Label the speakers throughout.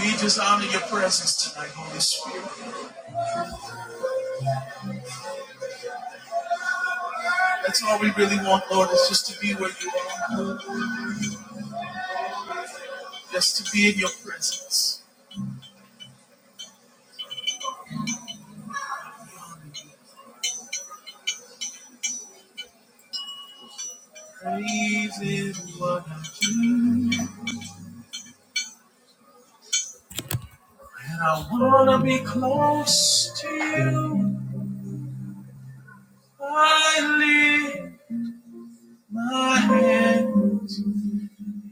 Speaker 1: We just honor your presence tonight, Holy Spirit. That's all we really want, Lord, is just to be where you are, just to be in your presence. Praise is what I do, and I wanna be close to you. I lift my hands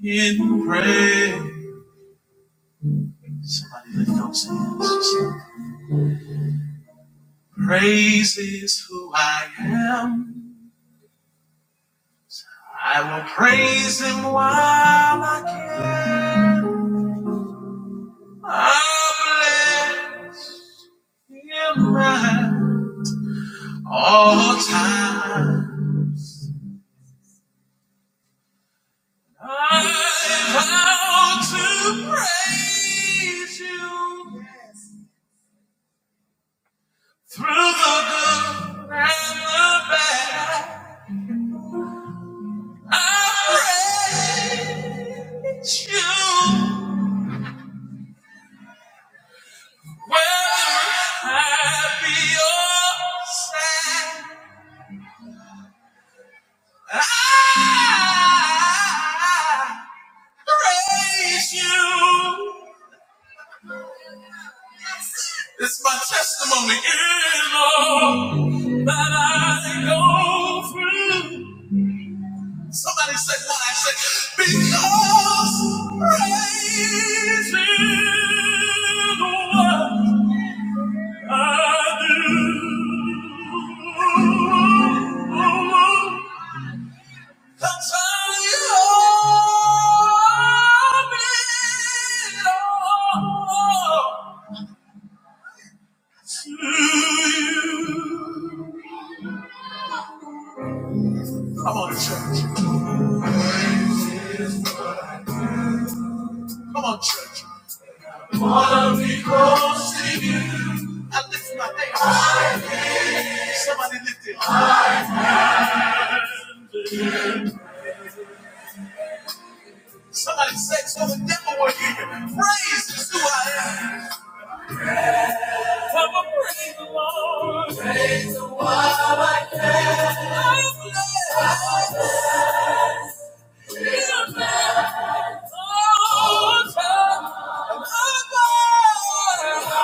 Speaker 1: in praise. Somebody lift those hands. Just Praise is who I am. I will praise him while I can. I bless him at all time. I vow to praise you through the good and the bad. I praise you whether happy or sad. I praise you. It's my testimony in love that I go through. Somebody said what I said. Because praise is what I do. That's how you owe me all to you. Come on, church. Come on, church. Follow me close to you. I lift my hands. Somebody lift it. Somebody say so the devil will hear you. Praise is who I am. Come on, praise the Lord. Praise the one I can. I bless all time. I'm alive.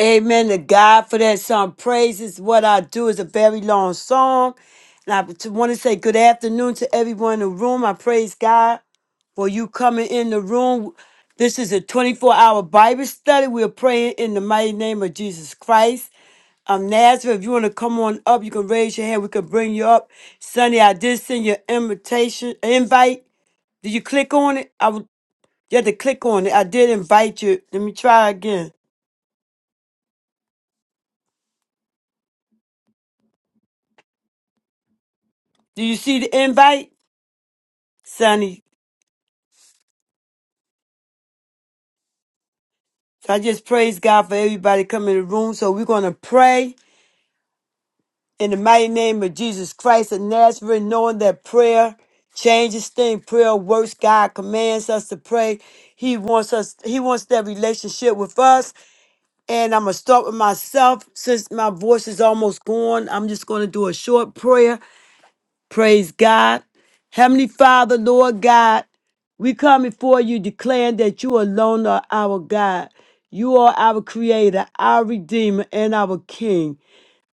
Speaker 1: Amen to God for that song. Praise is what I do is a very long song. And I want to say good afternoon to everyone in the room. I praise God for you coming in the room. This is a 24 hour Bible study. We're praying in the mighty name of Jesus Christ. Um, Nazareth, if you want to come on up, you can raise your hand. We can bring you up. Sonny, I did send you an invitation, invite. Did you click on it? I would, you had to click on it. I did invite you. Let me try again. Do you see the invite, Sonny? So I just praise God for everybody coming in the room. So we're going to pray. in the mighty name of Jesus Christ of Nazareth, knowing that prayer changes things, prayer works. God commands us to pray. He wants us, He wants that relationship with us. And I'm gonna start with myself since my voice is almost gone. I'm just gonna do a short prayer. Praise God. Heavenly Father, Lord God, we come before you declaring that you alone are our God. You are our creator, our redeemer, and our king.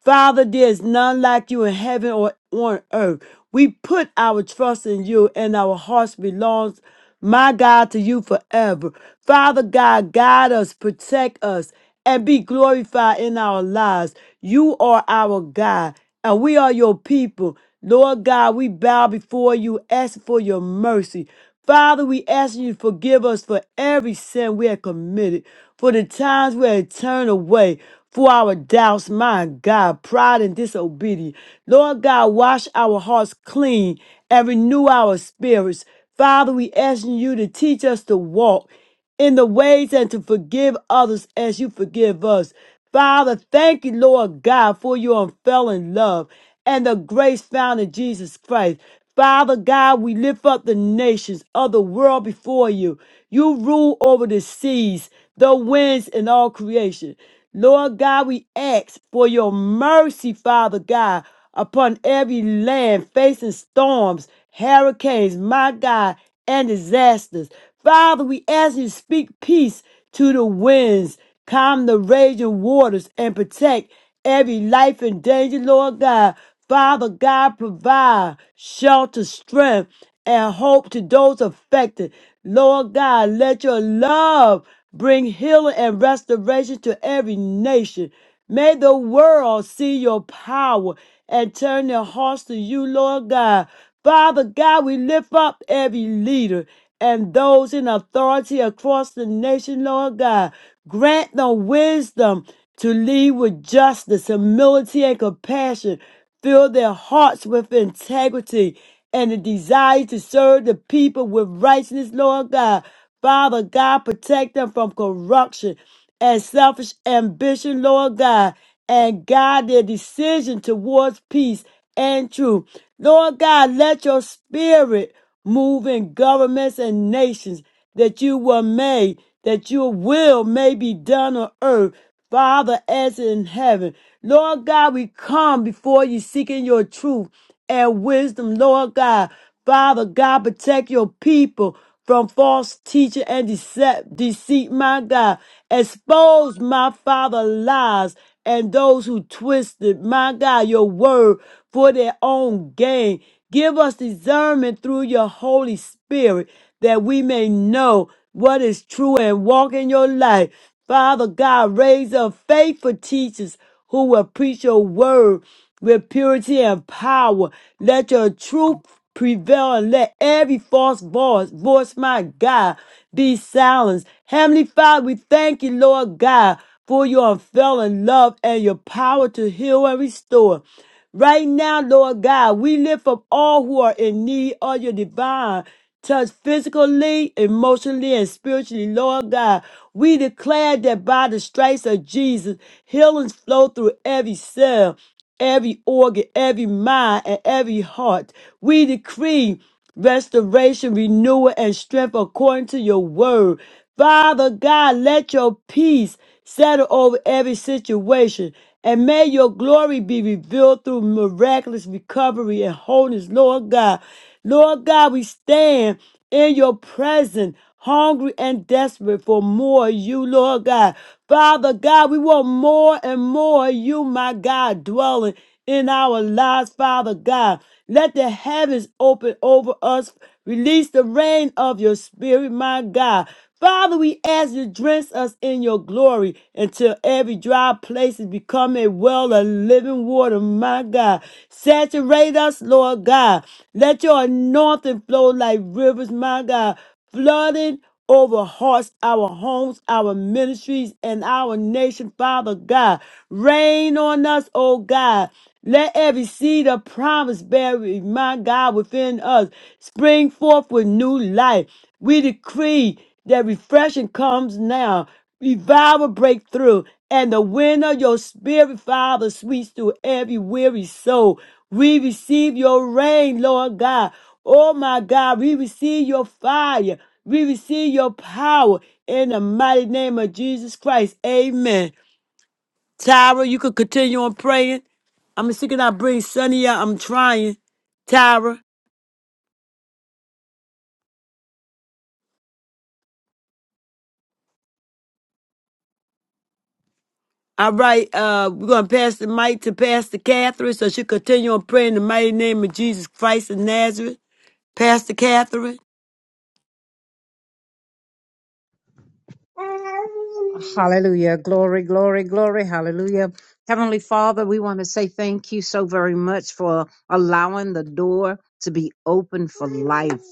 Speaker 1: Father, there is none like you in heaven or on earth. We put our trust in you, and our hearts belongs, my God, to you forever. Father God, guide us, protect us, and be glorified in our lives. You are our God, and we are your people. Lord God, we bow before you, asking for your mercy. Father, we ask you to forgive us for every sin we have committed, for the times we have turned away, for our doubts, my God, pride and disobedience. Lord God, wash our hearts clean and renew our spirits. Father, we asking you to teach us to walk in the ways and to forgive others as you forgive us. Father, thank you, Lord God, for your unfailing love and the grace found in Jesus Christ. Father God, we lift up the nations of the world before you. You rule over the seas, the winds, and all creation. Lord God, we ask for your mercy, Father God, upon every land facing storms hurricanes, my God, and disasters. Father, we ask you to speak peace to the winds, calm the raging waters, and protect every life in danger, Lord God. Father God, provide shelter, strength, and hope to those affected. Lord God, let your love bring healing and restoration to every nation. May the world see your power and turn their hearts to you, Lord God. Father God, we lift up every leader and those in authority across the nation, Lord God. Grant them wisdom to lead with justice, humility, and compassion. Fill their hearts with integrity and the desire to serve the people with righteousness, Lord God. Father God, protect them from corruption and selfish ambition, Lord God, and guide their decision towards peace and truth. Lord God, let your spirit move in governments and nations that you were made, that your will may be done on earth, Father, as in heaven. Lord God, we come before you seeking your truth and wisdom, Lord God. Father God, protect your people from false teaching and decept, deceit, my God. Expose my father lies and those who twisted, my God, your word for their own gain. Give us discernment through your Holy Spirit that we may know what is true and walk in your light. Father God, raise up faithful teachers who will preach your word with purity and power. Let your truth prevail and let every false voice, voice, my God, be silenced. Heavenly Father, we thank you, Lord God, for your unfailing love and your power to heal and restore. Right now, Lord God, we lift up all who are in need of your divine Touch physically, emotionally, and spiritually, Lord God. We declare that by the stripes of Jesus, healings flow through every cell, every organ, every mind, and every heart. We decree restoration, renewal, and strength according to your word. Father God, let your peace settle over every situation. And may your glory be revealed through miraculous recovery and wholeness, Lord God. Lord God, we stand in your presence, hungry and desperate for more of you, Lord God. Father God, we want more and more of you, my God, dwelling in our lives, Father God. Let the heavens open over us. Release the rain of your spirit, my God. Father, we ask you to drench us in your glory until every dry place is become a well of living water, my God. Saturate us, Lord God. Let your anointing flow like rivers, my God, flooding over hearts, our homes, our ministries, and our nation, Father God. Rain on us, oh God. Let every seed of promise buried, my God, within us spring forth with new life. We decree that refreshing comes now, revival breakthrough, and the wind of your spirit revival sweeps through every weary soul. We receive your rain, Lord God. Oh my God, we receive your fire. We receive your power in the mighty name of Jesus Christ. Amen. Tyra, you could continue on praying. I'm seeking I bring Sunny out. I'm trying. Tyra. All right, uh, we're gonna pass the mic to Pastor Catherine so she continue on praying in the mighty name of Jesus Christ of Nazareth. Pastor Catherine.
Speaker 2: Hallelujah. Glory, glory, glory. Hallelujah. Heavenly Father, we want to say thank you so very much for allowing the door to be open for life.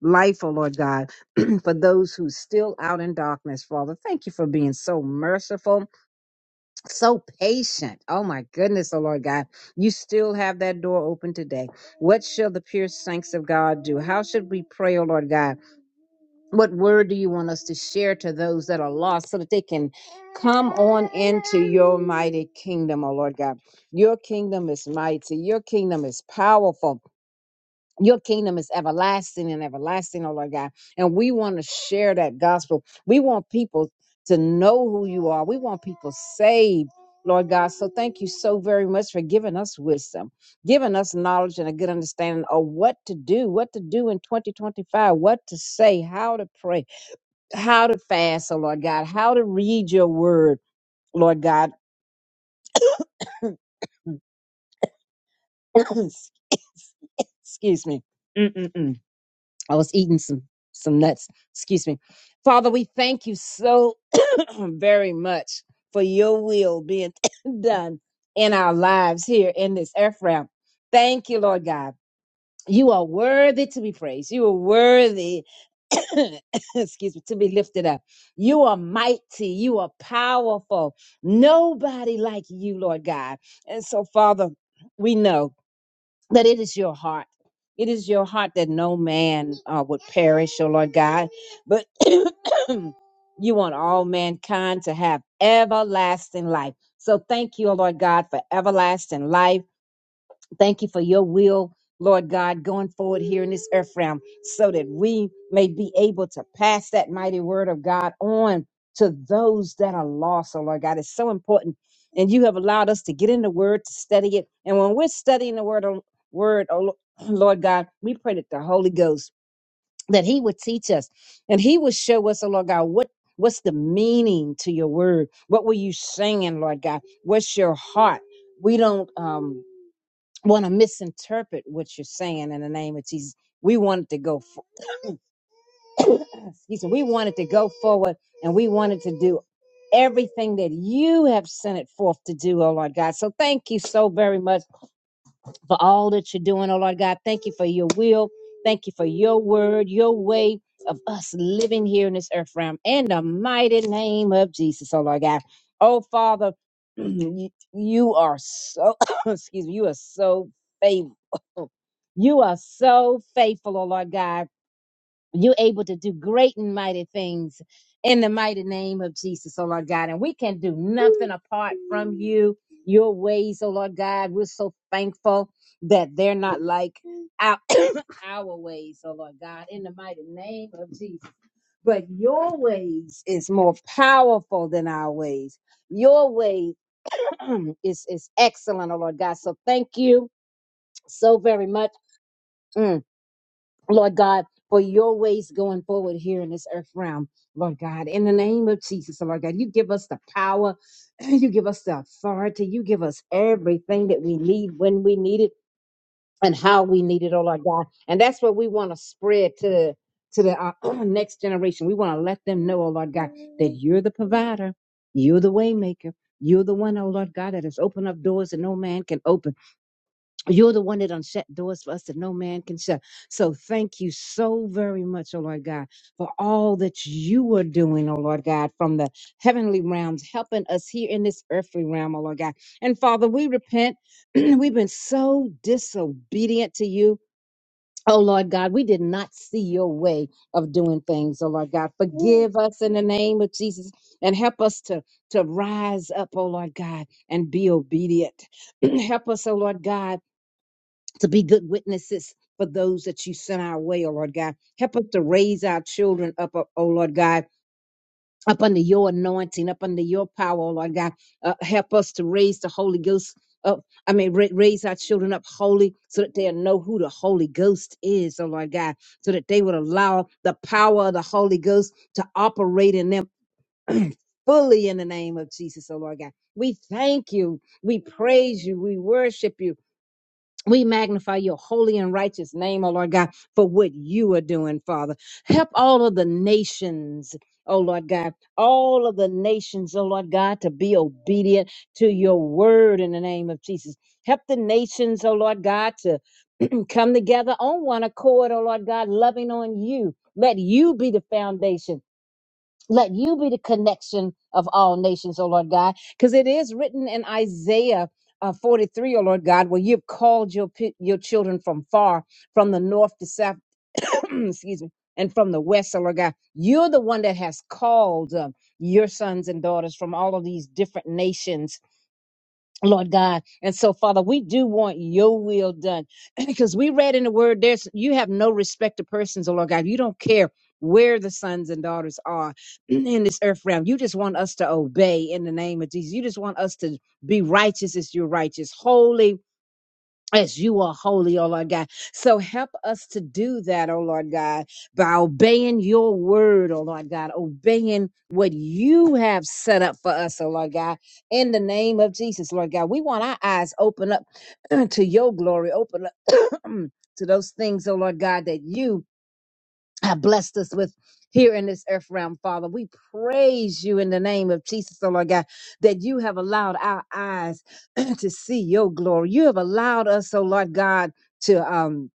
Speaker 2: Life, oh Lord God, for those who still out in darkness, Father. Thank you for being so merciful, so patient. Oh my goodness, oh Lord God. You still have that door open today. What shall the pure saints of God do? How should we pray, oh Lord God? What word do you want us to share to those that are lost so that they can come on into your mighty kingdom, oh Lord God? Your kingdom is mighty, your kingdom is powerful. Your kingdom is everlasting and everlasting, oh Lord God. And we want to share that gospel. We want people to know who you are. We want people saved, Lord God. So thank you so very much for giving us wisdom, giving us knowledge and a good understanding of what to do, what to do in 2025, what to say, how to pray how to fast, oh Lord God, how to read your word, Lord God. Excuse me. Mm-mm-mm. I was eating some some nuts. Excuse me. Father, we thank you so very much for your will being done in our lives here in this Ephraim. Thank you, Lord God. You are worthy to be praised. You are worthy, excuse me, to be lifted up. You are mighty. You are powerful. Nobody like you, Lord God. And so, Father, we know that it is your heart. It is your heart that no man uh, would perish, oh Lord God, but you want all mankind to have everlasting life. So thank you, oh Lord God, for everlasting life. Thank you for your will, Lord God, going forward here in this earth realm so that we may be able to pass that mighty word of God on to those that are lost. Oh, Lord God, it's so important. And you have allowed us to get in the word, to study it. And when we're studying the word, oh- word, oh Lo- Lord God, we pray that the Holy Ghost, that he would teach us and he would show us, oh Lord God, what What's the meaning to your word? What were you saying, Lord God? What's your heart? We don't um want to misinterpret what you're saying in the name of Jesus. We wanted to go, for, excuse me, we wanted to go forward and we wanted to do everything that you have sent it forth to do, oh Lord God. So thank you so very much for all that you're doing, oh Lord God. Thank you for your will. Thank you for your word, your way of us living here in this earth realm. In the mighty name of Jesus, oh Lord God. Oh Father, you you are so, excuse me, you are so You are so faithful, oh Lord God. You're able to do great and mighty things in the mighty name of Jesus, oh Lord God. And we can do nothing apart from you, your ways, oh Lord God. We're so thankful that they're not like our, our ways, oh Lord God, in the mighty name of Jesus. But your ways is more powerful than our ways. Your way is, is excellent, oh Lord God. So thank you so very much. Mm Lord God, for your ways going forward here in this earth realm, Lord God, in the name of Jesus, Lord God, you give us the power, you give us the authority, you give us everything that we need when we need it and how we need it, oh Lord God. And that's what we want to spread to to the uh, next generation. We want to let them know, oh Lord God, that you're the provider, you're the waymaker, you're the one, oh Lord God, that has opened up doors that no man can open. You're the one that unshut doors for us that no man can shut. So thank you so very much, oh Lord God, for all that you are doing, oh Lord God, from the heavenly realms, helping us here in this earthly realm, oh Lord God. And Father, we repent. We've been so disobedient to you. Oh Lord God, we did not see your way of doing things. Oh Lord God, forgive us in the name of Jesus and help us to, to rise up, oh Lord God, and be obedient. help us, oh Lord God to be good witnesses for those that you sent our way, oh Lord God. Help us to raise our children up, oh oh Lord God. Up under your anointing, up under your power, oh Lord God. Uh, help us to raise the Holy Ghost up. I mean, ra- raise our children up holy so that they'll know who the Holy Ghost is, oh Lord God. So that they would allow the power of the Holy Ghost to operate in them fully in the name of Jesus, oh Lord God. We thank you. We praise you. We worship you. We magnify your holy and righteous name, O Lord God, for what you are doing, Father. Help all of the nations, O Lord God, all of the nations, O Lord God, to be obedient to your word in the name of Jesus. Help the nations, O Lord God, to come together on one accord, O Lord God, loving on you. Let you be the foundation. Let you be the connection of all nations, O Lord God, because it is written in Isaiah uh, 43, O Lord God, where you've called your pe- your children from far, from the north to south, excuse me, and from the west, O Lord God. You're the one that has called uh, your sons and daughters from all of these different nations Lord God. And so, Father, we do want your will done because we read in the word, there's you have no respect to persons, oh Lord God. You don't care where the sons and daughters are in this earth realm. You just want us to obey in the name of Jesus. You just want us to be righteous as you're righteous, holy as you are holy, oh Lord God. So help us to do that, oh Lord God, by obeying your word, oh Lord God, obeying what you have set up for us, oh Lord God, in the name of Jesus, Lord God. We want our eyes open up to your glory, open up to those things, oh Lord God, that you have blessed us with here in this earth realm, Father. We praise you in the name of Jesus, oh Lord God, that you have allowed our eyes to see your glory. You have allowed us, oh Lord God, to um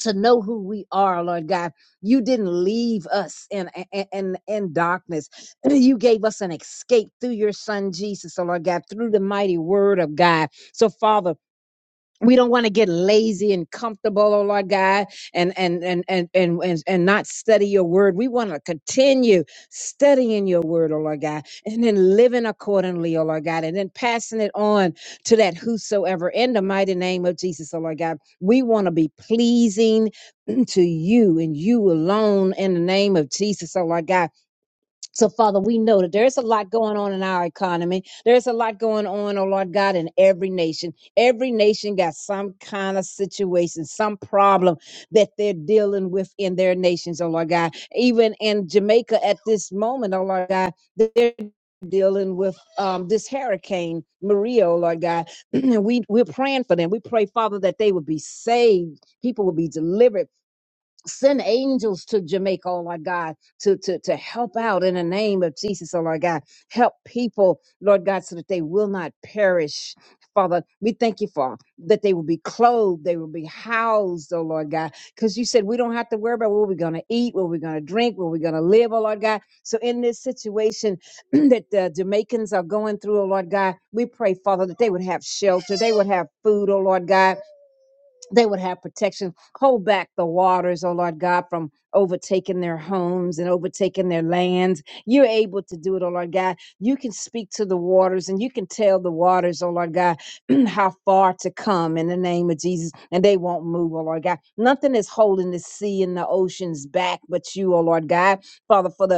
Speaker 2: to know who we are, Lord God. You didn't leave us in in in in darkness. You gave us an escape through your son Jesus, oh Lord God, through the mighty word of God. So Father, we don't want to get lazy and comfortable, oh Lord God, and and and and and and, and not study your word. We want to continue studying your word, oh Lord God, and then living accordingly, oh Lord God, and then passing it on to that whosoever in the mighty name of Jesus, oh Lord God. We want to be pleasing to you and you alone in the name of Jesus, oh Lord God. So, Father, we know that there's a lot going on in our economy. There's a lot going on, oh Lord God, in every nation. Every nation got some kind of situation, some problem that they're dealing with in their nations, oh Lord God. Even in Jamaica at this moment, oh Lord God, they're dealing with um, this hurricane maria oh lord god we we're praying for them we pray father that they would be saved people would be delivered Send angels to Jamaica, oh my God, to, to, to help out in the name of Jesus, oh Lord God. Help people, Lord God, so that they will not perish. Father, we thank you for that they will be clothed, they will be housed, oh Lord God. Because you said we don't have to worry about what we're going to eat, what we're going to drink, what we're going to live, oh Lord God. So in this situation that the Jamaicans are going through, oh Lord God, we pray, Father, that they would have shelter, they would have food, oh Lord God they would have protection. Hold back the waters, oh Lord God, from overtaking their homes and overtaking their lands. You're able to do it, oh Lord God. You can speak to the waters and you can tell the waters, oh Lord God, how far to come in the name of Jesus, and they won't move, oh Lord God. Nothing is holding the sea and the oceans back but you, oh Lord God. Father, for the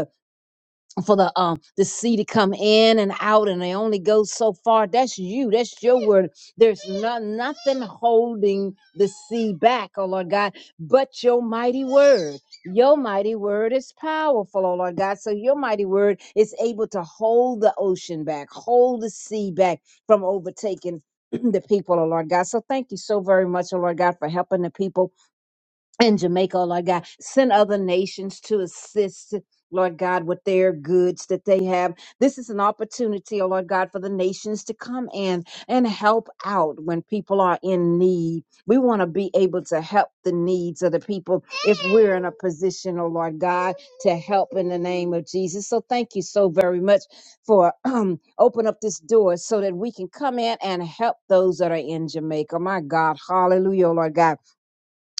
Speaker 2: for the um the sea to come in and out and they only go so far that's you that's your word there's no, nothing holding the sea back oh lord god but your mighty word your mighty word is powerful oh lord god so your mighty word is able to hold the ocean back hold the sea back from overtaking the people, oh Lord God. So thank you so very much, oh Lord God, for helping the people and Jamaica, oh Lord God. Send other nations to assist, Lord God, with their goods that they have. This is an opportunity, oh Lord God, for the nations to come in and help out when people are in need. We want to be able to help the needs of the people if we're in a position, oh Lord God, to help in the name of Jesus. So thank you so very much for um, open up this door so that we can come in and help those that are in Jamaica. My God, hallelujah, oh Lord God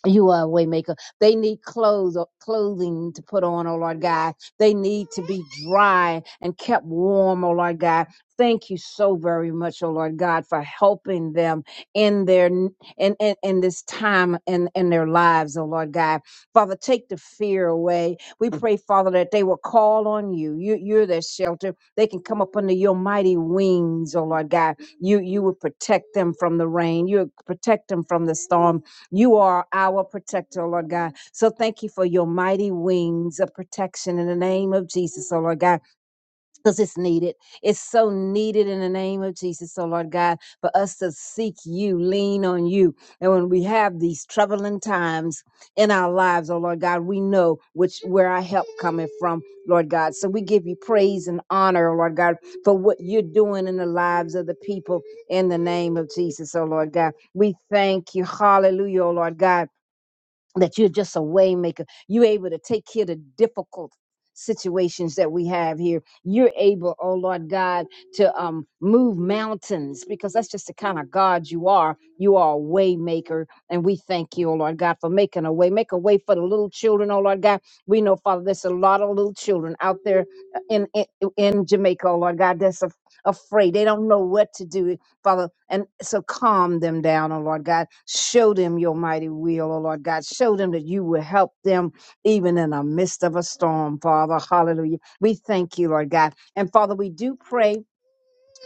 Speaker 2: you are a way maker. They need clothes or clothing to put on, oh Lord God. They need to be dry and kept warm, oh Lord God. Thank you so very much, oh Lord God, for helping them in their in in, in this time in, in their lives, oh Lord God. Father, take the fear away. We pray, Father, that they will call on you. you you're their shelter. They can come up under your mighty wings, oh Lord God. You you will protect them from the rain. You will protect them from the storm you are our protector, Lord God. So thank you for your mighty wings of protection in the name of Jesus, oh Lord God because it's needed. It's so needed in the name of Jesus. So, Lord God, for us to seek you, lean on you. And when we have these troubling times in our lives, oh Lord God, we know which where our help coming from, Lord God. So we give you praise and honor, oh Lord God, for what you're doing in the lives of the people in the name of Jesus, oh Lord God. We thank you. Hallelujah, oh Lord God that you're just a way maker. You're able to take care of the difficult situations that we have here. You're able, oh Lord God, to um move mountains because that's just the kind of God you are. You are a way maker. And we thank you, oh Lord God, for making a way. Make a way for the little children, oh Lord God. We know, Father, there's a lot of little children out there uh, in in, in Jamaica, oh Lord God, that's af- afraid. They don't know what to do. Father. And so calm them down, oh Lord God. Show them your mighty will, oh Lord God. Show them that you will help them even in the midst of a storm, Father. Hallelujah. We thank you, Lord God. And Father, we do pray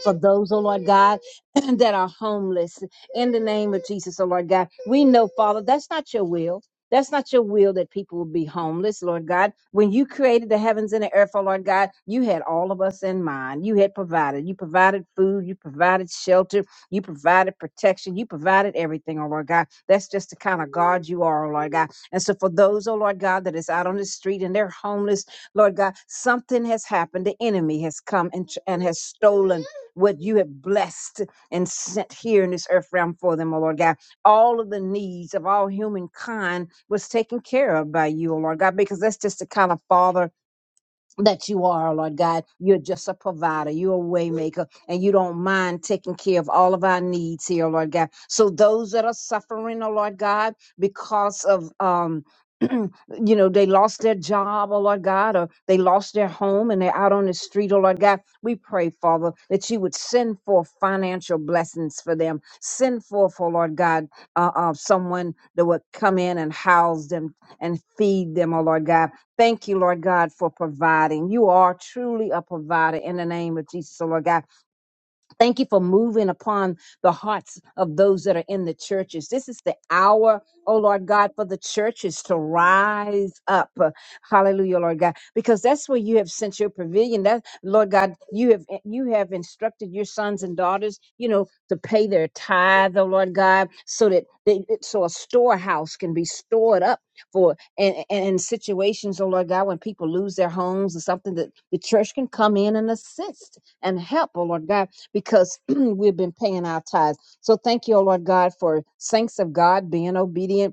Speaker 2: for those, oh Lord God, that are homeless in the name of Jesus, oh Lord God. We know, Father, that's not your will. That's not your will that people will be homeless, Lord God. When you created the heavens and the earth, oh Lord God, you had all of us in mind. You had provided. You provided food. You provided shelter. You provided protection. You provided everything, oh Lord God. That's just the kind of God you are, oh Lord God. And so for those, oh Lord God, that is out on the street and they're homeless, Lord God, something has happened. The enemy has come and, tr- and has stolen what you have blessed and sent here in this earth realm for them, O Lord God. All of the needs of all humankind was taken care of by you, O Lord God, because that's just the kind of Father that you are, oh Lord God. You're just a provider. You're a waymaker, and you don't mind taking care of all of our needs here, oh Lord God. So those that are suffering, oh Lord God, because of um. you know, they lost their job, oh Lord God, or they lost their home and they're out on the street, oh Lord God. We pray, Father, that you would send forth financial blessings for them. Send forth, oh Lord God, uh, uh, someone that would come in and house them and feed them, oh Lord God Thank you, Lord God, for providing. You are truly a provider in the name of Jesus, oh Lord God. Thank you for moving upon the hearts of those that are in the churches. This is the hour, oh Lord God, for the churches to rise up. Hallelujah, Lord God, because that's where you have sent your pavilion. That Lord God, you have you have instructed your sons and daughters, you know, to pay their tithe, oh Lord God, so that they, so a storehouse can be stored up for and, and in situations, oh Lord God, when people lose their homes or something, that the church can come in and assist and help, oh Lord God because we've been paying our tithes. So thank you, O Lord God, for saints of God being obedient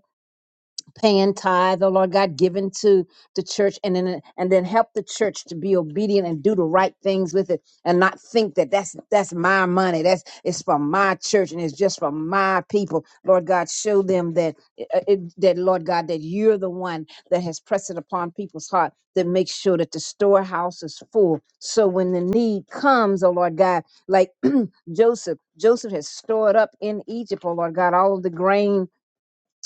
Speaker 2: paying tithe, oh Lord God, giving to the church, and then and then help the church to be obedient and do the right things with it, and not think that that's that's my money, that's it's for my church and it's just for my people. Lord God, show them that uh, it, that Lord God, that you're the one that has pressed it upon people's heart that makes sure that the storehouse is full. So when the need comes, oh Lord God, like Joseph, Joseph has stored up in Egypt, oh Lord God, all of the grain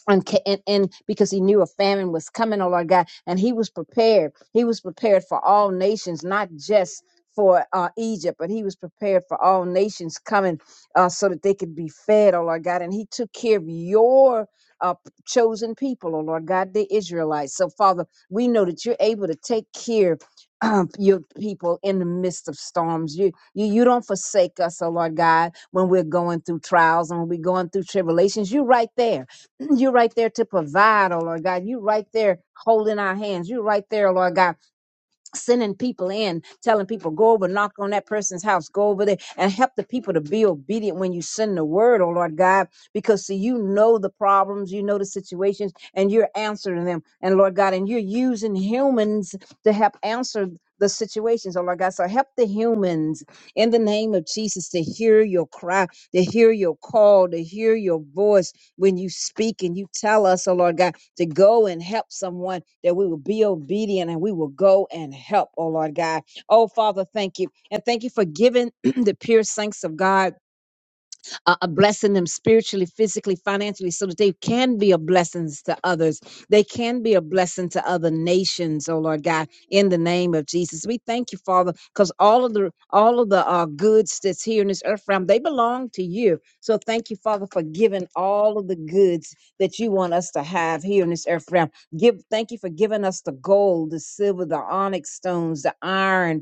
Speaker 2: and, ca- and, and because he knew a famine was coming, oh Lord God, and he was prepared. He was prepared for all nations, not just for uh, Egypt, but he was prepared for all nations coming uh, so that they could be fed, oh Lord God. And he took care of your uh, p- chosen people, oh Lord God, the Israelites. So, Father, we know that you're able to take care of your people in the midst of storms. You, you, you don't forsake us, oh Lord God, when we're going through trials and when we're going through tribulations. You're right there you are right there to provide, oh Lord God. You are right there holding our hands. You are right there, Lord God, sending people in, telling people, go over, knock on that person's house, go over there and help the people to be obedient when you send the word, oh Lord God, because see, you know the problems, you know the situations, and you're answering them. And Lord God, and you're using humans to help answer the situations, oh Lord God. So help the humans in the name of Jesus to hear your cry, to hear your call, to hear your voice when you speak and you tell us, oh Lord God to go and help someone, that we will be obedient and we will go and help, oh Lord God. Oh Father, thank you. And thank you for giving the pure saints of God uh, uh, blessing them spiritually, physically, financially, so that they can be a blessing to others. They can be a blessing to other nations, oh Lord God, in the name of Jesus. We thank you, Father, because all of the all of the uh, goods that's here in this earth realm, they belong to you. So thank you, Father, for giving all of the goods that you want us to have here in this earth realm. Give thank you for giving us the gold, the silver, the onyx stones, the iron,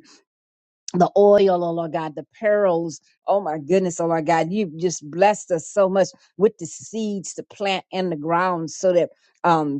Speaker 2: the oil, oh Lord God, the pearls. Oh my goodness, oh Lord God, you have just blessed us so much with the seeds to plant in the ground so that um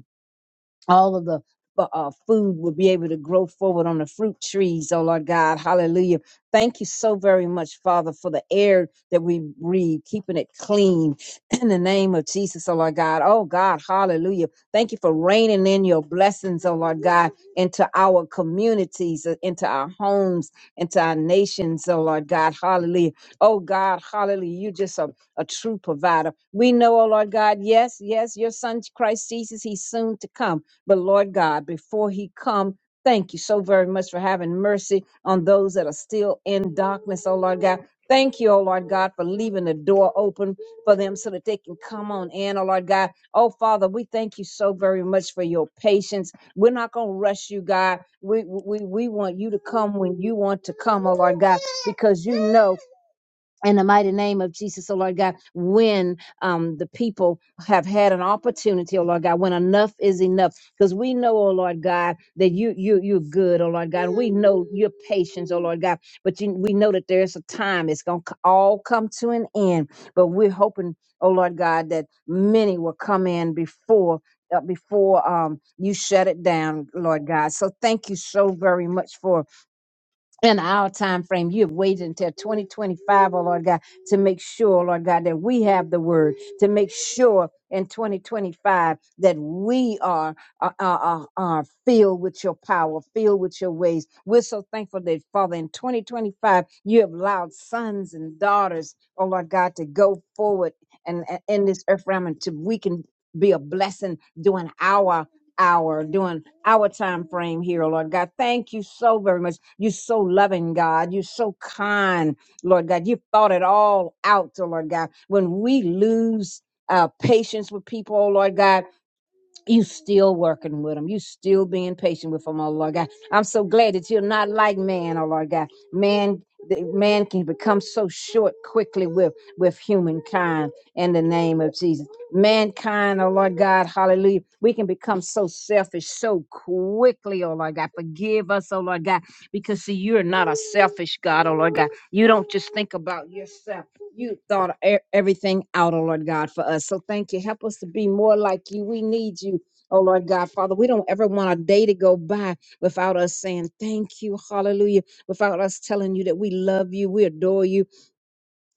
Speaker 2: all of the uh, uh, food will be able to grow forward on the fruit trees, oh Lord God. Hallelujah. Thank you so very much, Father, for the air that we breathe, keeping it clean in the name of Jesus, oh Lord God. Oh God, hallelujah. Thank you for raining in your blessings, oh Lord God, into our communities, uh, into our homes, into our nations, oh Lord God. Hallelujah. Oh God, hallelujah. you just a, a true provider. We know, oh Lord God, yes, yes, your son Christ Jesus, he's soon to come. But Lord God, before he come, thank you so very much for having mercy on those that are still in darkness, oh Lord God. Thank you, oh Lord God, for leaving the door open for them so that they can come on in, oh Lord God. Oh Father, we thank you so very much for your patience. We're not gonna rush you, God. We we we want you to come when you want to come, oh Lord God, because you know in the mighty name of Jesus, oh Lord God, when um, the people have had an opportunity, oh Lord God, when enough is enough, because we know, oh Lord God, that you you you're good, oh Lord God, we know your patience, oh Lord God, but you, we know that there's a time it's gonna c- all come to an end, but we're hoping, oh Lord God, that many will come in before. Uh, before um, you shut it down, Lord God. So thank you so very much for in our time frame. You have waited until 2025, oh Lord God, to make sure, Lord God, that we have the word, to make sure in 2025 that we are, are, are, are filled with your power, filled with your ways. We're so thankful that, Father, in 2025, you have allowed sons and daughters, oh Lord God, to go forward and, and in this earth realm and to we can be a blessing during our hour, our time frame here, oh Lord God. Thank you so very much. You're so loving, God. You're so kind, Lord God. You've thought it all out, oh Lord God. When we lose uh, patience with people, oh Lord God, you still working with them. You still being patient with them, oh Lord God. I'm so glad that you're not like man, oh Lord God. Man, the- man can become so short quickly with with humankind in the name of Jesus. Mankind, oh Lord God, hallelujah. We can become so selfish so quickly, oh Lord God. Forgive us, oh Lord God, because see, you're not a selfish God, oh Lord God. You don't just think about yourself you thought e- everything out, oh Lord God, for us. So thank you. Help us to be more like you. We need you, oh Lord God, Father. We don't ever want a day to go by without us saying thank you, hallelujah, without us telling you that we love you, we adore you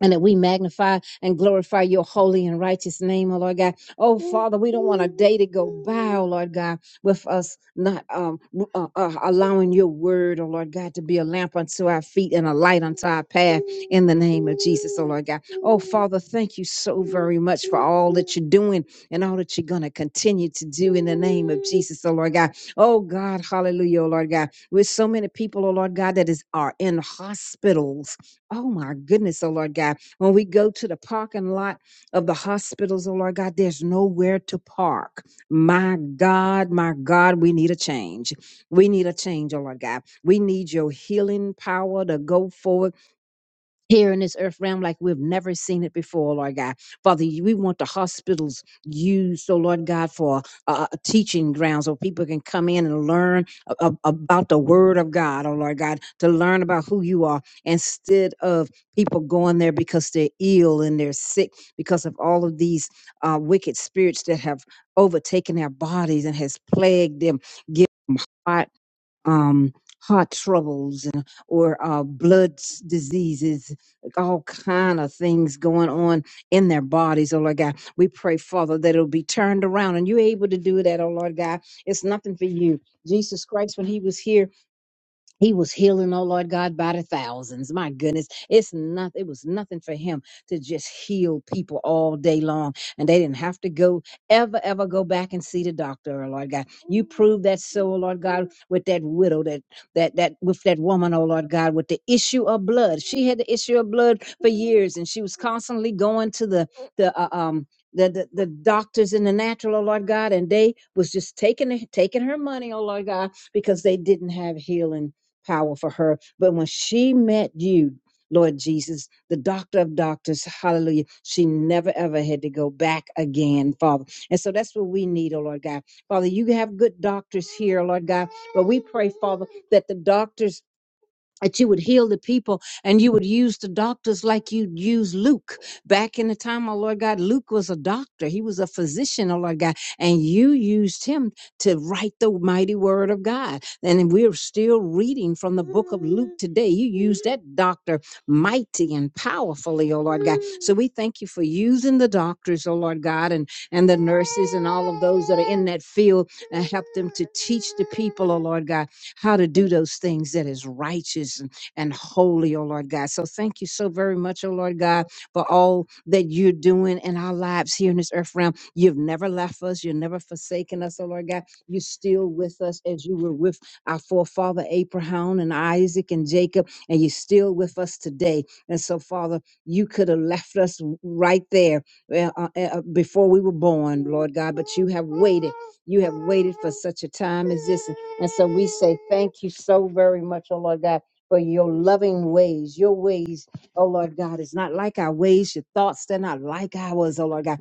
Speaker 2: and that we magnify and glorify your holy and righteous name, oh Lord God. Oh Father, we don't want a day to go by, oh Lord God, with us not um, w- uh, uh, allowing your word, oh Lord God, to be a lamp unto our feet and a light unto our path in the name of Jesus, oh Lord God. Oh Father, thank you so very much for all that you're doing and all that you're going to continue to do in the name of Jesus, oh Lord God. Oh God, hallelujah, oh Lord God. With so many people, oh Lord God, that is are in hospitals Oh my goodness, oh Lord God. When we go to the parking lot of the hospitals, oh Lord God, there's nowhere to park. My God, my God, we need a change. We need a change, oh Lord God. We need your healing power to go forward here in this earth realm like we've never seen it before, Lord God. Father, you- we want the hospitals used, so Lord God, for uh, a teaching ground so people can come in and learn a- a- about the Word of God, oh Lord God, to learn about who you are instead of people going there because they're ill and they're sick because of all of these uh, wicked spirits that have overtaken their bodies and has plagued them um, heart troubles uh, or uh, blood s- diseases, like all kind of things going on in their bodies. Oh Lord God, we pray, Father, that it'll be turned around, and you're able to do that. Oh Lord God, it's nothing for you. Jesus Christ, when He was here. He was healing, oh Lord God, by the thousands. My goodness, it's not, it was nothing for him to just heal people all day long. And they didn't have to go, ever, ever go back and see the doctor, oh Lord God. You proved that so, oh Lord God, with that widow, that, that, that, with that woman, oh Lord God, with the issue of blood. She had the issue of blood for years and she was constantly going to the, the, uh, um, the, the, the doctors in the natural, oh Lord God, and they was just taking, taking her money, oh Lord God, because they didn't have healing power for her. But when she met you, Lord Jesus, the doctor of doctors, hallelujah, she never ever had to go back again, Father. And so that's what we need, oh Lord God. Father, you have good doctors here, Lord God, but we pray, Father, that the doctors that you would heal the people and you would use the doctors like you'd use Luke. Back in the time, oh Lord God, Luke was a doctor. He was a physician, oh Lord God, and you used him to write the mighty word of God. And we're still reading from the book of Luke today. You used that doctor mighty and powerfully, oh Lord God. So we thank you for using the doctors, oh Lord God, and, and the nurses and all of those that are in that field and help them to teach the people, oh Lord God how to do those things that is righteous and, and holy, oh Lord God. So thank you so very much, oh Lord God, for all that you're doing in our lives here in this earth realm. You've never left us, you've never forsaken us, oh Lord God. You're still with us as you were with our forefather Abraham and Isaac and Jacob, and you're still with us today. And so, Father, you could have left us w- right there uh, uh, eh, uh, before we were born, Lord God, but you have waited. You have waited for such a time as this. And so we say, Thank you so very much, oh Lord God, for your loving ways. Your ways, oh Lord God, is not like our ways. Your thoughts, they're not like ours, oh Lord God.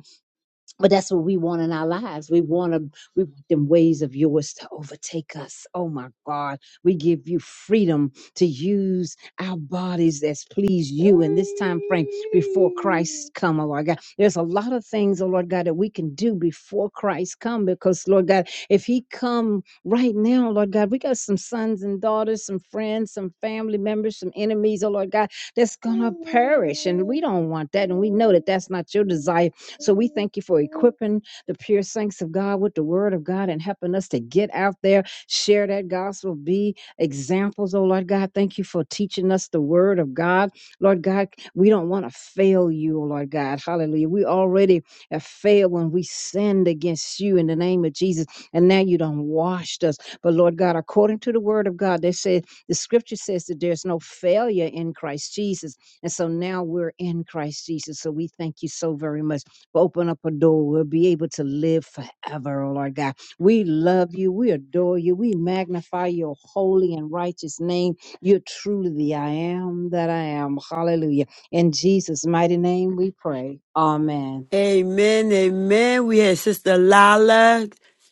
Speaker 2: But that's what we want in our lives. We want to, we want them ways of yours to overtake us. Oh my God. We give you freedom to use our bodies as please you in this time frame before Christ come, oh Lord God. There's a lot of things, oh Lord God, that we can do before Christ come because Lord God, if he come right now, Lord God, we got some sons and daughters, some friends, some family members, some enemies, oh Lord God, that's gonna perish. And we don't want that. And we know that that's not your desire so we thank you for equipping the pure saints of God with the word of God and helping us to get out there, share that gospel, be examples, oh Lord God. Thank you for teaching us the word of God. Lord God, we don't want to fail you, oh Lord God. Hallelujah. We already have failed when we sinned against you in the name of Jesus. And now you done washed us. But Lord God, according to the word of God, they said the scripture says that there's no failure in Christ Jesus. And so now we're in Christ Jesus. So we thank you so very much will Open up a door. We'll be able to live forever, oh Lord God. We love you. We adore you. We magnify your holy and righteous name. You're truly the I am that I am. Hallelujah. In Jesus' mighty name we pray. Amen.
Speaker 1: Amen, amen. We had Sister Lala.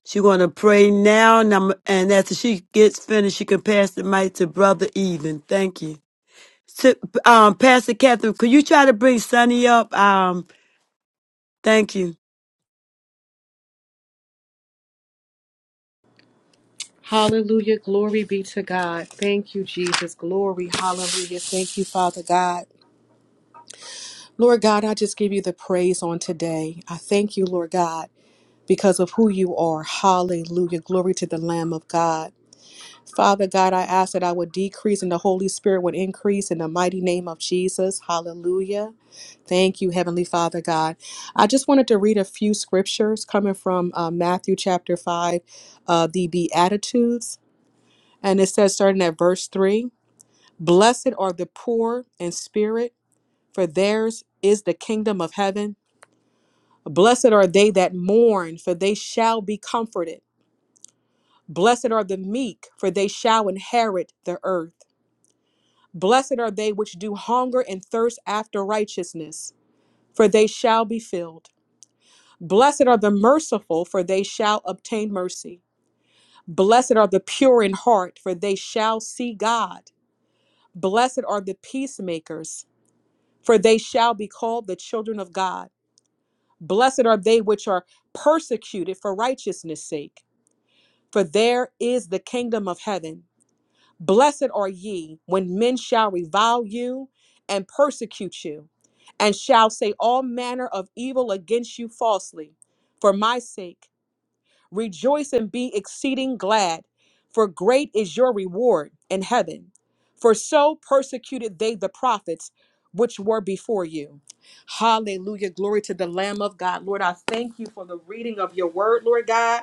Speaker 1: She gonna pray now, and, I'm, and after she gets finished, she can pass the mic to Brother Even. Thank you. Si- um, Pastor Catherine, could you try to bring Sonny up? Um, thank you.
Speaker 3: Hallelujah. Glory be to God. Thank you, Jesus. Glory. Hallelujah. Thank you, Father God. Lord God, I just give you the praise on today. I thank you, Lord God, because of who you are. Hallelujah. Glory to the Lamb of God. Father God, I ask that I would decrease and the Holy Spirit would increase in the mighty name of Jesus. Hallelujah. Thank you, Heavenly Father God. I just wanted to read a few scriptures coming from uh, Matthew chapter 5, uh, the Beatitudes. And it says, starting at verse 3 Blessed are the poor in spirit, for theirs is the kingdom of heaven. Blessed are they that mourn, for they shall be comforted. Blessed are the meek, for they shall inherit the earth. Blessed are they which do hunger and thirst after righteousness, for they shall be filled. Blessed are the merciful, for they shall obtain mercy. Blessed are the pure in heart, for they shall see God. Blessed are the peacemakers for they shall be called the children of God. Blessed are they which are persecuted for righteousness' sake, for there is the kingdom of heaven. Blessed are ye when men shall revile you and persecute you, and shall say all manner of evil against you falsely, for my sake. Rejoice and be exceeding glad, for great is your reward in heaven. For so persecuted they the prophets which were before you. Hallelujah. Glory to the Lamb of God. Lord, I thank you for the reading of your word, Lord God.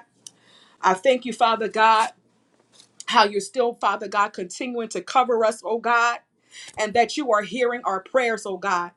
Speaker 3: I thank you, Father God, how you're still, Father God, continuing to cover us, oh God, and that you are hearing our prayers, oh God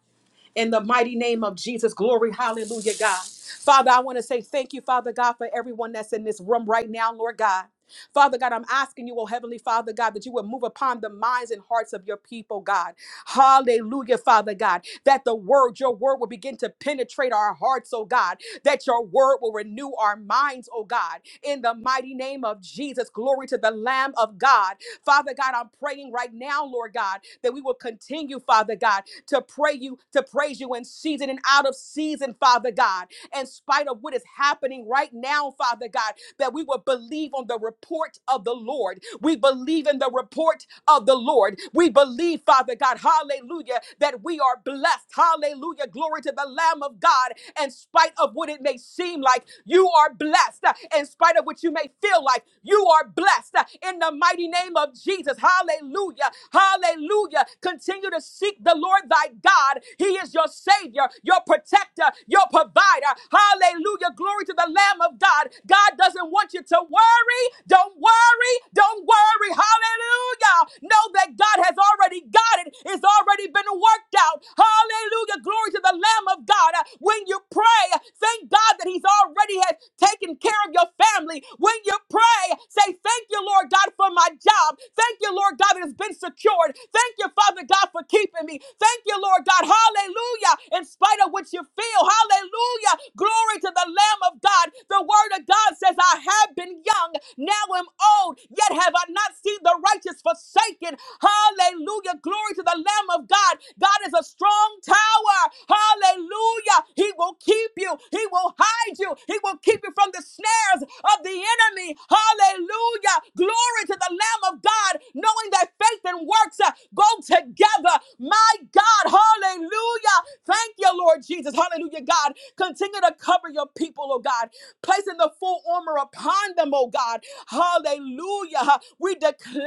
Speaker 3: in the mighty name of Jesus. Glory, hallelujah, God. Father, I want to say thank you, Father God, for everyone that's in this room right now, Lord God. Father God, I'm asking you, oh Heavenly Father God, that you would move upon the minds and hearts of your people, God. Hallelujah, Father God, that the word, your word will begin to penetrate our hearts, oh God, that your word will renew our minds, oh God, in the mighty name of Jesus. Glory to the Lamb of God. Father God, I'm praying right now, Lord God, that we will continue, Father God, to pray you, to praise you in season and out of season, Father God, in spite of what is happening right now, Father God, that we will believe on the the report of the Lord. We believe in the report of the Lord. We believe, Father God, hallelujah, that we are blessed. Hallelujah. Glory to the Lamb of God. In spite of what it may seem like, you are blessed. In spite of what you may feel like, you are blessed. In the mighty name of Jesus. Hallelujah. Hallelujah. Continue to seek the Lord thy God. He is your Savior, your protector, your provider. Hallelujah. Glory to the Lamb of God. God doesn't want you to worry worry, don't worry, don't worry. Hallelujah. Know that God has already got it, it's already been worked out. Hallelujah. Glory to the Lamb of God. Uh, When you pray, thank God that He's already has taken care of your family. When you pray, say, Thank you, Lord God, for my job. Thank you, Lord God, that has been secured. Thank you, Father God, for keeping me. Thank you, Lord God. Hallelujah. In spite of what you feel, hallelujah. Glory to the Lamb of God. The Word of God says, I have I've been young, now am old, yet have I not seen the righteous forsaken. Hallelujah. Glory to the Lamb of God. God is a strong tower. Hallelujah. He will keep you. He will hide you. He will keep you from the snares of the enemy. Hallelujah. Glory to the Lamb of God. Knowing that faith and and works uh, go together. My God, hallelujah. Thank you, Lord Jesus. Hallelujah, God. Continue to cover your people, oh God, placing the full armor upon them, oh God. Hallelujah. We declare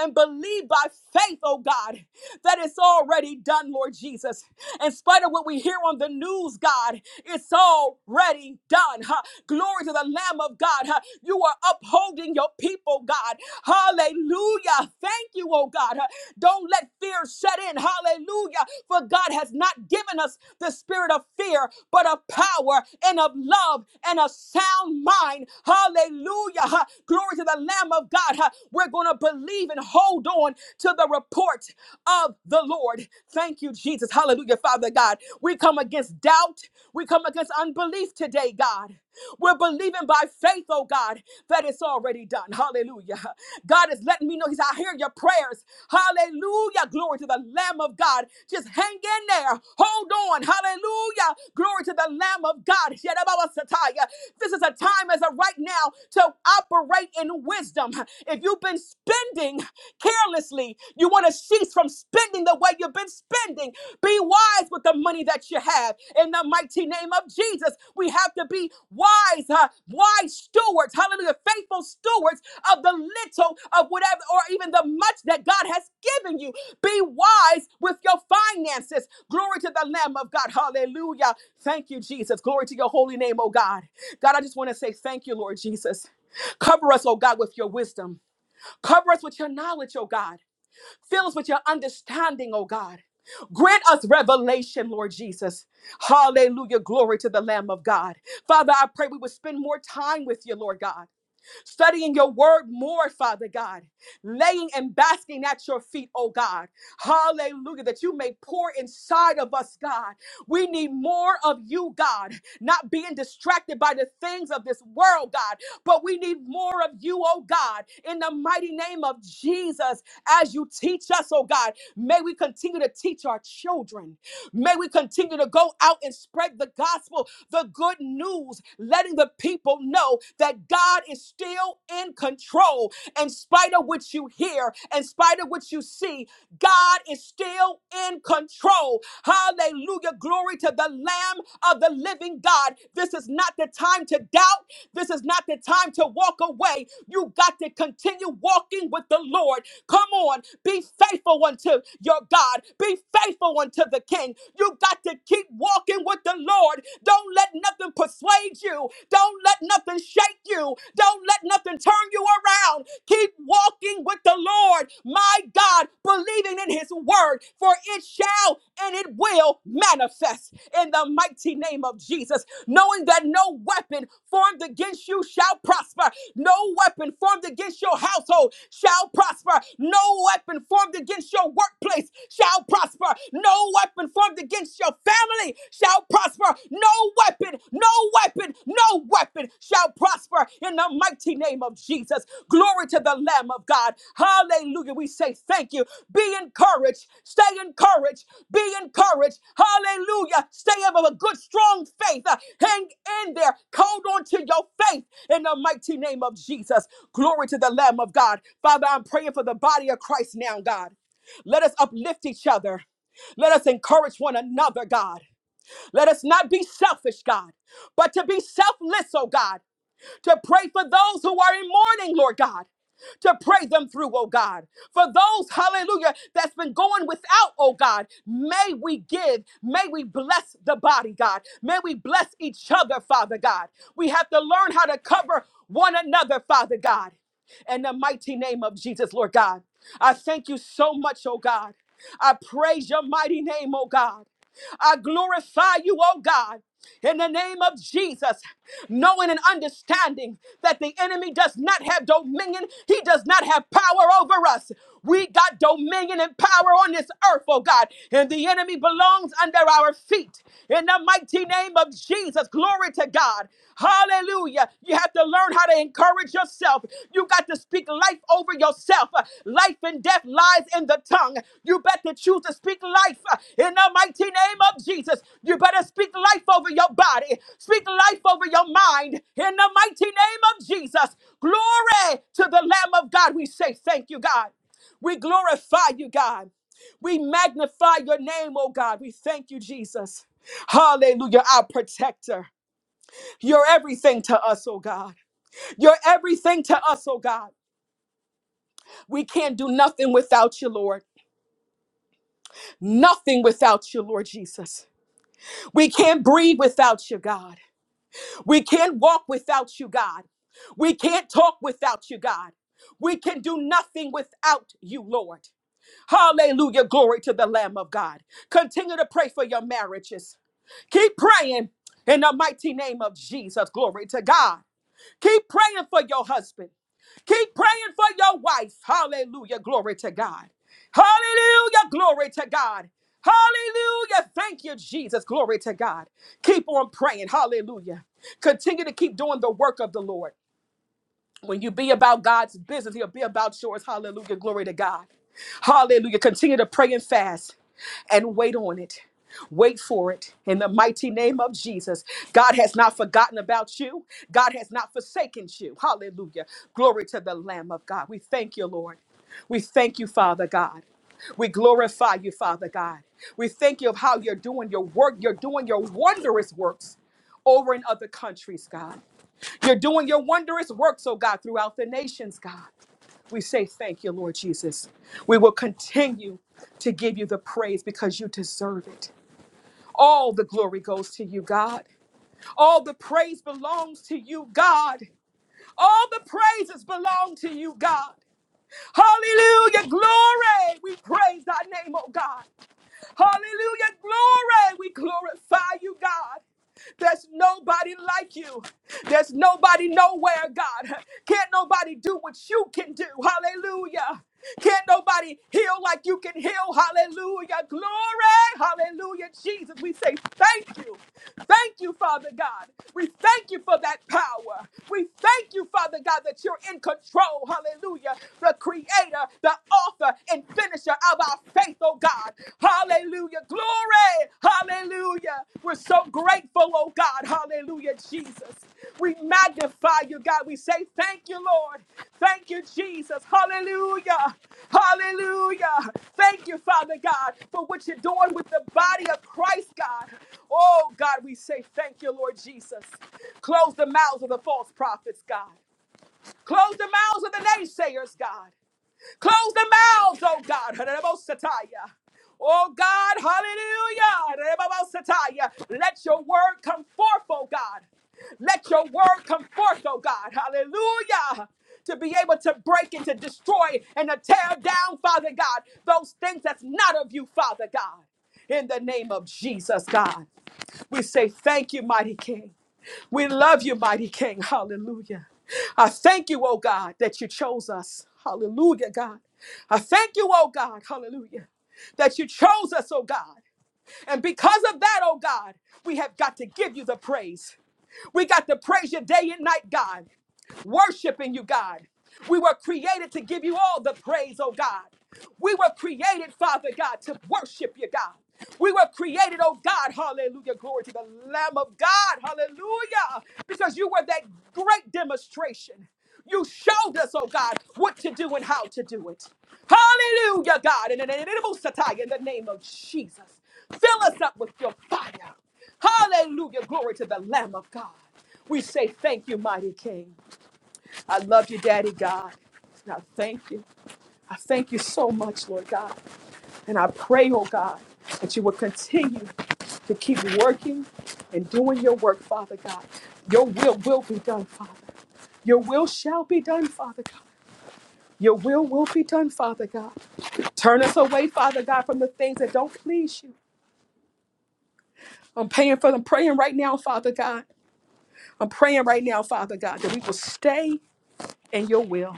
Speaker 3: and believe by faith, oh God, that it's already done, Lord Jesus. In spite of what we hear on the news, news, God. It's already done. huh? Glory to the Lamb of God. huh? You are upholding your people, God. Hallelujah. Thank you, oh God. huh? Don't let fear set in. Hallelujah. For God has not given us the spirit of fear, but of power and of love and a sound mind. Hallelujah. huh? Glory to the Lamb of God. huh? We're going to believe and hold on to the report of the Lord. Thank you, Jesus. Hallelujah, Father God. We come against doubt. We come against unbelief today, God. We're believing by faith, oh God, that it's already done. Hallelujah. God is letting me know He's, I hear your prayers. Hallelujah. Glory to the Lamb of God. Just hang in there. Hold on. Hallelujah. Glory to the Lamb of God. Yadabawasataya. This is a time as a right now to operate in wisdom. If you've been spending carelessly, you want to cease from spending the way you've been spending. Be wise with the money that you have. In the mighty name of Jesus, we have to be wise, huh? wise stewards, hallelujah, faithful stewards of the little, of whatever, or even the much that God has given you. Be wise with your finances. Glory to the Lamb of God. Hallelujah. Thank you, Jesus. Glory to your holy name, oh God. God, I just want to say thank you, Lord Jesus. Cover us, oh God, with your wisdom. Cover us with your knowledge, oh God. Fill us with your understanding, oh God. Grant us revelation, Lord Jesus. Hallelujah. Glory to the Lamb of God. Father, I pray we would spend more time with you, Lord God studying your word more, Father God, laying and basking at your feet, oh God. Hallelujah, that you may pour inside of us, God. We need more of you, God, not being distracted by the things of this world, God, but we need more of you, oh God, in the mighty name of Jesus, as you teach us, oh God. May we continue to teach our children. May we continue to go out and spread the gospel the good news, letting the people know that God is still in control in spite of what you hear, in spite of what you see, God is still in control. Hallelujah. Glory to the Lamb of the living God. This is not the time to doubt. This is not the time to walk away. You got to continue walking with the Lord. Come on. Be faithful unto your God. Be faithful unto the King. You got to keep walking with the Lord. Don't let nothing persuade you. Don't let nothing shake you. Don't let nothing turn you around. Keep walking with the Lord, my God, believing in his word, for it shall and it will manifest in the mighty name of Jesus, knowing that no weapon formed against you shall prosper. No weapon formed against your household shall prosper. No weapon formed against your workplace shall prosper. No weapon weapon formed against your family shall prosper. No weapon, no weapon, no weapon shall prosper in the mighty name of Jesus. Glory to the Lamb of God. Hallelujah. We say thank you. Be encouraged. Stay encouraged. Be encouraged. Hallelujah. Stay of a good, strong faith. Uh, Hang in there. Hold on to your faith in the mighty name of Jesus. Glory to the Lamb of God. Father, I'm praying for the body of Christ now, God. Let us uplift each other. Let us encourage one another, God. Let us not be selfish, God, but to be selfless, oh God to pray for those who are in mourning, Lord God to pray them through, oh God. For those, hallelujah, that's been going without, oh God, may we give, may we bless the body, God. May we bless each other, Father God. We have to learn how to cover one another, Father God. In the mighty name of Jesus, Lord God, I thank you so much, oh God. I praise your mighty name, oh God. I glorify you, oh God. In the name of Jesus, knowing and understanding that the enemy does not have dominion, he does not have power over us. We got dominion and power on this earth, oh God, and the enemy belongs under our feet. In the mighty name of Jesus, glory to God. Hallelujah. You have to learn how to encourage yourself. You got to speak life over yourself. Life and death lies in the tongue. You better choose to speak life uh, in the mighty name of Jesus. You better speak life over your body. Speak life over your mind in the mighty name of Jesus. Glory to the Lamb of God. We say thank you, God. We glorify you, God. We magnify your name, oh God. We thank you, Jesus. Hallelujah, our protector. You're everything to us, oh God. You're everything to us, oh God. We can't do nothing without you, Lord. Nothing without you, Lord Jesus. We can't breathe without you, God. We can't walk without you, God. We can't talk without you, God. We can do nothing without you, Lord. Hallelujah. Glory to the Lamb of God. Continue to pray for your marriages. Keep praying in the mighty name of Jesus. Glory to God. Keep praying for your husband. Keep praying for your wife. Hallelujah. Glory to God. Hallelujah. Glory to God. Hallelujah. Thank you, Jesus. Glory to God. Keep on praying. Hallelujah. Continue to keep doing the work of the Lord. When you be about God's business, He'll be about yours. Hallelujah. Glory to God. Hallelujah. Continue to pray and fast and wait on it. Wait for it in the mighty name of Jesus. God has not forgotten about you. God has not forsaken you. Hallelujah. Glory to the Lamb of God. We thank you, Lord. We thank you, Father God. We glorify you, Father God. We thank you of how you're doing your work. You're doing your wondrous works over in other countries, God. You're doing your wondrous works, oh God, throughout the nations, God. We say thank you, Lord Jesus. We will continue to give you the praise because you deserve it. All the glory goes to you, God. All the praise belongs to you, God. All the praises belong to you, God. Hallelujah. Glory. We praise thy name, oh God. Hallelujah. Glory. We glorify you, God. There's nobody like you. There's nobody nowhere, God. Can't nobody do what you can do. Hallelujah. Can't nobody heal like you can heal. Hallelujah. Glory. Hallelujah. Jesus, we say thank you. Thank you, Father God. We thank you for that power. We thank you, Father God, that you're in control. Hallelujah. The creator, the author, and finisher of our faith, oh God. Hallelujah. Glory. Hallelujah. We're so grateful, oh God. Hallelujah, Jesus. We magnify you, God. We say thank you, Lord. Thank you, Jesus. Hallelujah. Hallelujah. Thank you, Father God, for what you're doing with the body of Christ, God. Oh, God, we say thank you, Lord Jesus. Close the mouths of the false prophets, God. Close the mouths of the naysayers, God. Close their mouths, oh God. Hallelujah. Oh God, hallelujah. Hallelujah. Let your word come forth, oh God. Let your word come forth, oh God. Hallelujah. To be able to break and to destroy and to tear down, Father God, those things that's not of you, Father God. In the name of Jesus, God, we say thank you, mighty King. We love you, mighty King. Hallelujah. I thank you, oh God, that you chose us. Hallelujah, God. I thank you, oh God. Hallelujah. That you chose us, oh God. And because of that, oh God, we have got to give you the praise. We got to praise you day and night, God worshiping you, God. We were created to give you all the praise, oh God. We were created, Father God, to worship you, God. We were created, oh God, hallelujah, glory to the Lamb of God, hallelujah, because you were that great demonstration. You showed us, oh God, what to do and how to do it. Hallelujah, God, in the name in the name of Jesus. Fill us up with your fire. Hallelujah, glory to the Lamb of God. We say thank you, mighty King. I love you, Daddy God. And I thank you. I thank you so much, Lord God. And I pray, oh God, that you will continue to keep working and doing your work, Father God. Your will will be done, Father. Your will shall be done, Father God. Your will will be done, Father God. Turn us away, Father God, from the things that don't please you. I'm praying for them, praying right now, Father God. I'm praying right now, Father God, that we will stay in your will.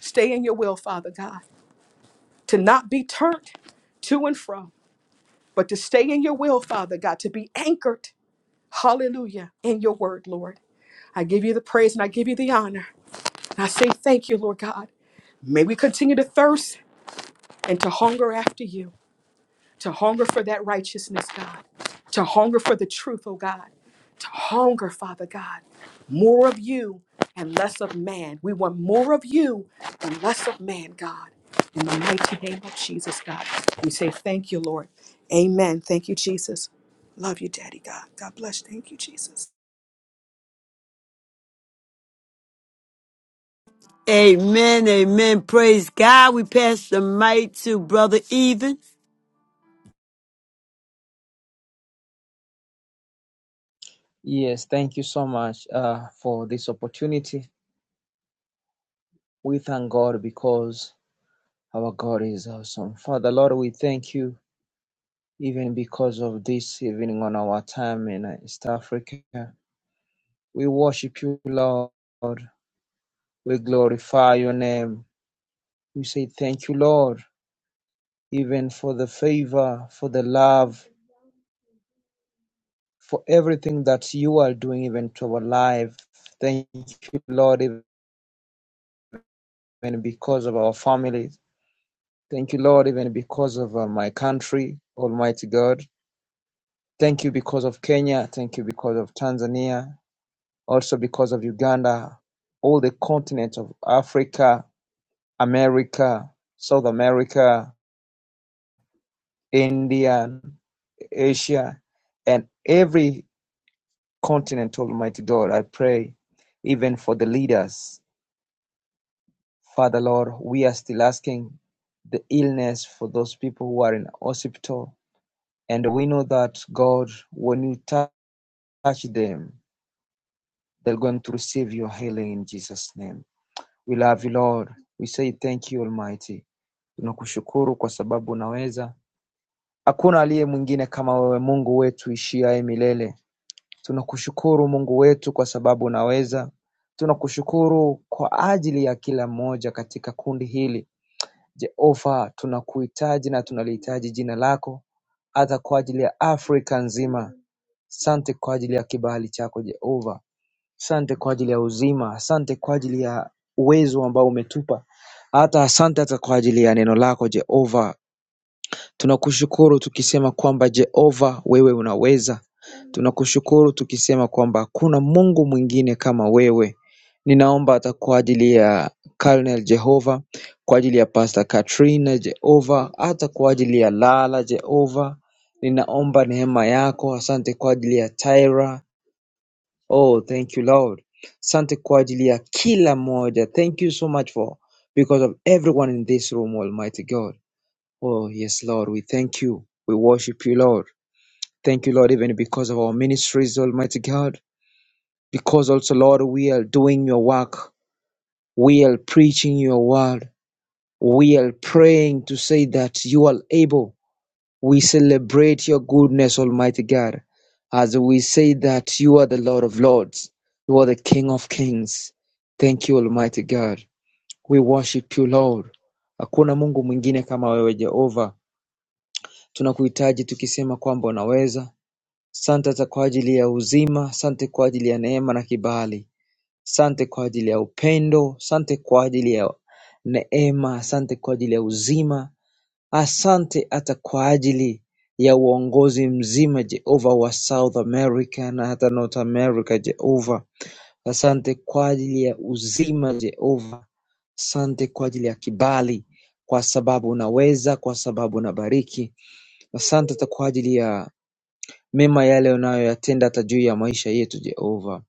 Speaker 3: Stay in your will, Father God. to not be turned to and fro, but to stay in your will, Father God, to be anchored, hallelujah, in your word, Lord. I give you the praise and I give you the honor. And I say thank you, Lord God. May we continue to thirst and to hunger after you. to hunger for that righteousness, God, to hunger for the truth, oh God, to hunger, Father God, more of you and less of man. We want more of you and less of man, God. In the mighty name of Jesus, God, we say thank you, Lord. Amen. Thank you, Jesus. Love you, Daddy God. God bless. Thank you, Jesus.
Speaker 1: Amen, amen. Praise God. We pass the mic to Brother Even.
Speaker 4: Yes, thank you so much uh, for this opportunity. We thank God because our God is awesome. Father, Lord, we thank you even because of this evening on our time in uh, East Africa. We worship you, Lord. We glorify your name. We say thank you, Lord, even for the favor, for the love, for everything that you are doing even to our life. Thank you, Lord, even because of our families. Thank you, Lord, even because of uh, my country, Almighty God. Thank you because of Kenya. Thank you because of Tanzania. Also because of Uganda, all the continent of Africa, America, South America, India, Asia, and every continent, Almighty God. I pray even for the leaders. Father, Lord, we are still asking the illness for those people who are in hospital And we know that God, when you touch them, they're going to receive your healing in Jesus' name. We love you, Lord. We say thank you, Almighty. Tunakushukuru kwa sababu unaweza. Hakuna aliye mwingine kama wewe, Mungu wetu ishiaye milele. Tunakushukuru Mungu wetu kwa sababu unaweza. Tunakushukuru kwa ajili ya kila mmoja katika kundi hili. Jehova, tunakuhitaji na tunalihitaji jina lako hata kwa ajili ya Afrika nzima Asante kwa ajili ya kibali chako Jehova. Asante kwa ajili ya uzima. Asante kwa ajili ya uwezo ambao umetupa. Hata asante hata kwa ajili ya neno lako Jehova. Tunakushukuru tukisema kwamba Jehova wewe unaweza. Tunakushukuru tukisema kwamba hakuna Mungu mwingine kama wewe. Ninaomba hata kwa ajili ya Colonel Jehova, kwa ajili ya Pastor Katrina Jehova, hata kwa ajili ya Lala Jehova. Ninaomba neema yako. Asante kwa ajili ya Tyra, Oh, thank you, Lord. Sante kwa ajili ya kila mmoja. Thank you so much for because of everyone in this room, Almighty God. Oh, yes, Lord, we thank you. We worship you, Lord. Thank you, Lord, even because of our ministries, Almighty God. Because also, Lord, we are doing your work. We are preaching your word. We are praying to say that you are able. We celebrate your goodness, Almighty God, as we say that you are the Lord of Lords, you are the King of Kings. Thank you, Almighty God. We worship you, Lord. Hakuna Mungu mwingine kama wewe Jehova. Tunakuhitaji tukisema kwamba unaweza. Sante za kwa ajili ya uzima, sante kwa ajili ya neema na kibali, sante kwa ajili ya upendo, sante kwa ajili ya neema, sante kwa ajili ya uzima, Asante hata kwa ajili ya uongozi mzima Jehova wa South America na hata North America Jehova. Asante kwa ajili ya uzima Jehova. Asante kwa ajili ya kibali kwa sababu unaweza, kwa sababu unabariki. Asante hata kwa ajili ya mema yale unayoyatenda hata juu ya maisha yetu Jehova.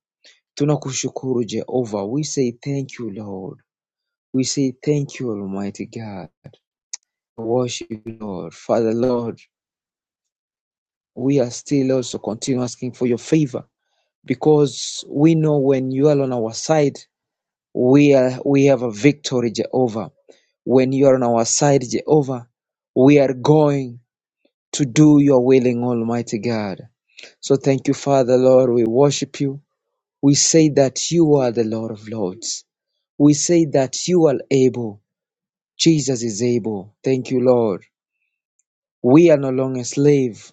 Speaker 4: Tunakushukuru Jehova. We say thank you Lord. We say thank you Almighty God. Worship you Lord. Father Lord. we are still also continue asking for your favor because we know when you are on our side, we are we have a victory, Jehovah. When you are on our side, Jehovah, we are going to do your willing, Almighty God. So thank you, Father, Lord. We worship you. We say that you are the Lord of Lords. We say that you are able. Jesus is able. Thank you, Lord. We are no longer slave.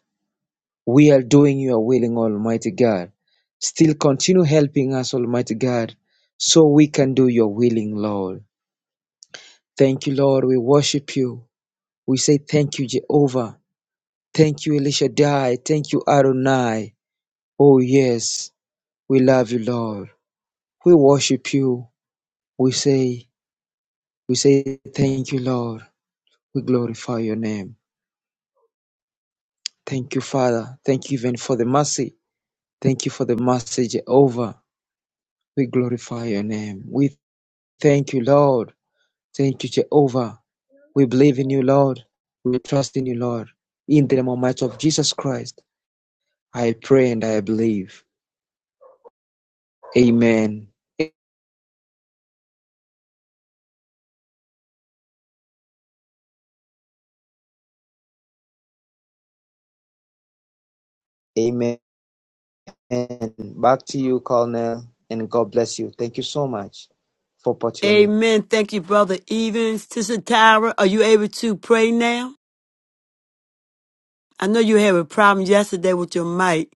Speaker 4: We are doing your willing, Almighty God. Still continue helping us, Almighty God, so we can do your willing, Lord. Thank you, Lord. We worship you. We say thank you, Jehovah. Thank you, Elisha Dai. Thank you, Adonai. Oh, yes. We love you, Lord. We worship you. We say, we say thank you, Lord. We glorify your name. Thank you, Father. Thank you even for the mercy. Thank you for the mercy, Jehovah. We glorify your name. We Thank you, Lord. Thank you, Jehovah. We believe in you, Lord. We trust in you, Lord. In the name and might of Jesus Christ, I pray and I believe. Amen. Amen. Back to you, Colonel, and God bless you. Thank you so much for opportunity.
Speaker 1: Amen. Thank you, Brother Evans. Sister Tyra, are you able to pray now? I know you had a problem yesterday with your mic.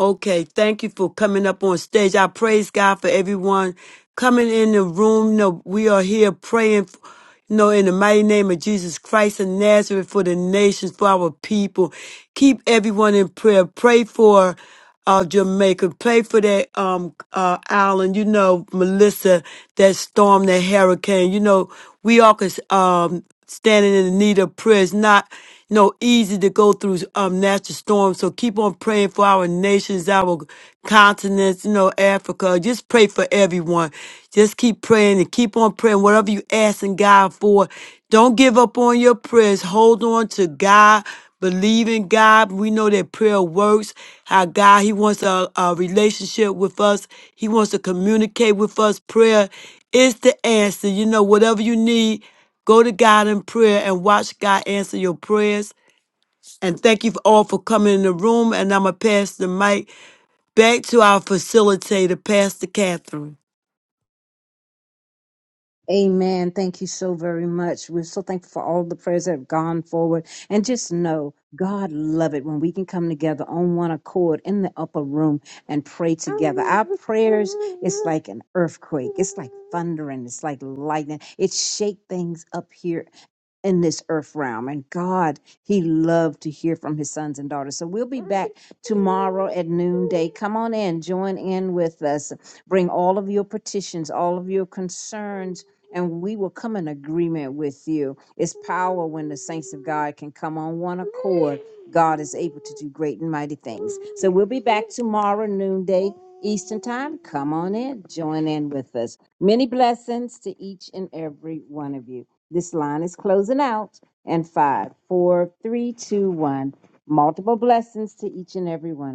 Speaker 1: Okay, thank you for coming up on stage. I praise God for everyone coming in the room. You know, we are here praying, you know, in the mighty name of Jesus Christ of Nazareth for the nations, for our people. Keep everyone in prayer. Pray for uh, Jamaica. Pray for that um, uh, island, you know, Melissa, that storm, that hurricane. You know, we all could um standing in the need of prayer. It's not you know easy to go through um natural storms. So keep on praying for our nations, our continents, you know, Africa. Just pray for everyone. Just keep praying and keep on praying. Whatever you asking God for, don't give up on your prayers. Hold on to God believe in God. We know that prayer works. How God, He wants a, a relationship with us. He wants to communicate with us. Prayer is the answer. You know, whatever you need, go to God in prayer and watch God answer your prayers. And thank you all for coming in the room. And I'm going to pass the mic back to our facilitator, Pastor Catherine.
Speaker 2: Amen. Thank you so very much. We're so thankful for all the prayers that have gone forward. And just know, God love it when we can come together on one accord in the upper room and pray together. Our prayers, it's like an earthquake. It's like thundering. It's like lightning. It shake things up here in this earth realm. And God, He loved to hear from His sons and daughters. So we'll be back tomorrow at noonday. Come on in, join in with us. Bring all of your petitions, all of your concerns. And we will come in agreement with you. It's power when the saints of God can come on one accord. God is able to do great and mighty things. So we'll be back tomorrow, noonday Eastern Time. Come on in, join in with us. Many blessings to each and every one of you. This line is closing out. And five, four, three, two, one. Multiple blessings to each and every one.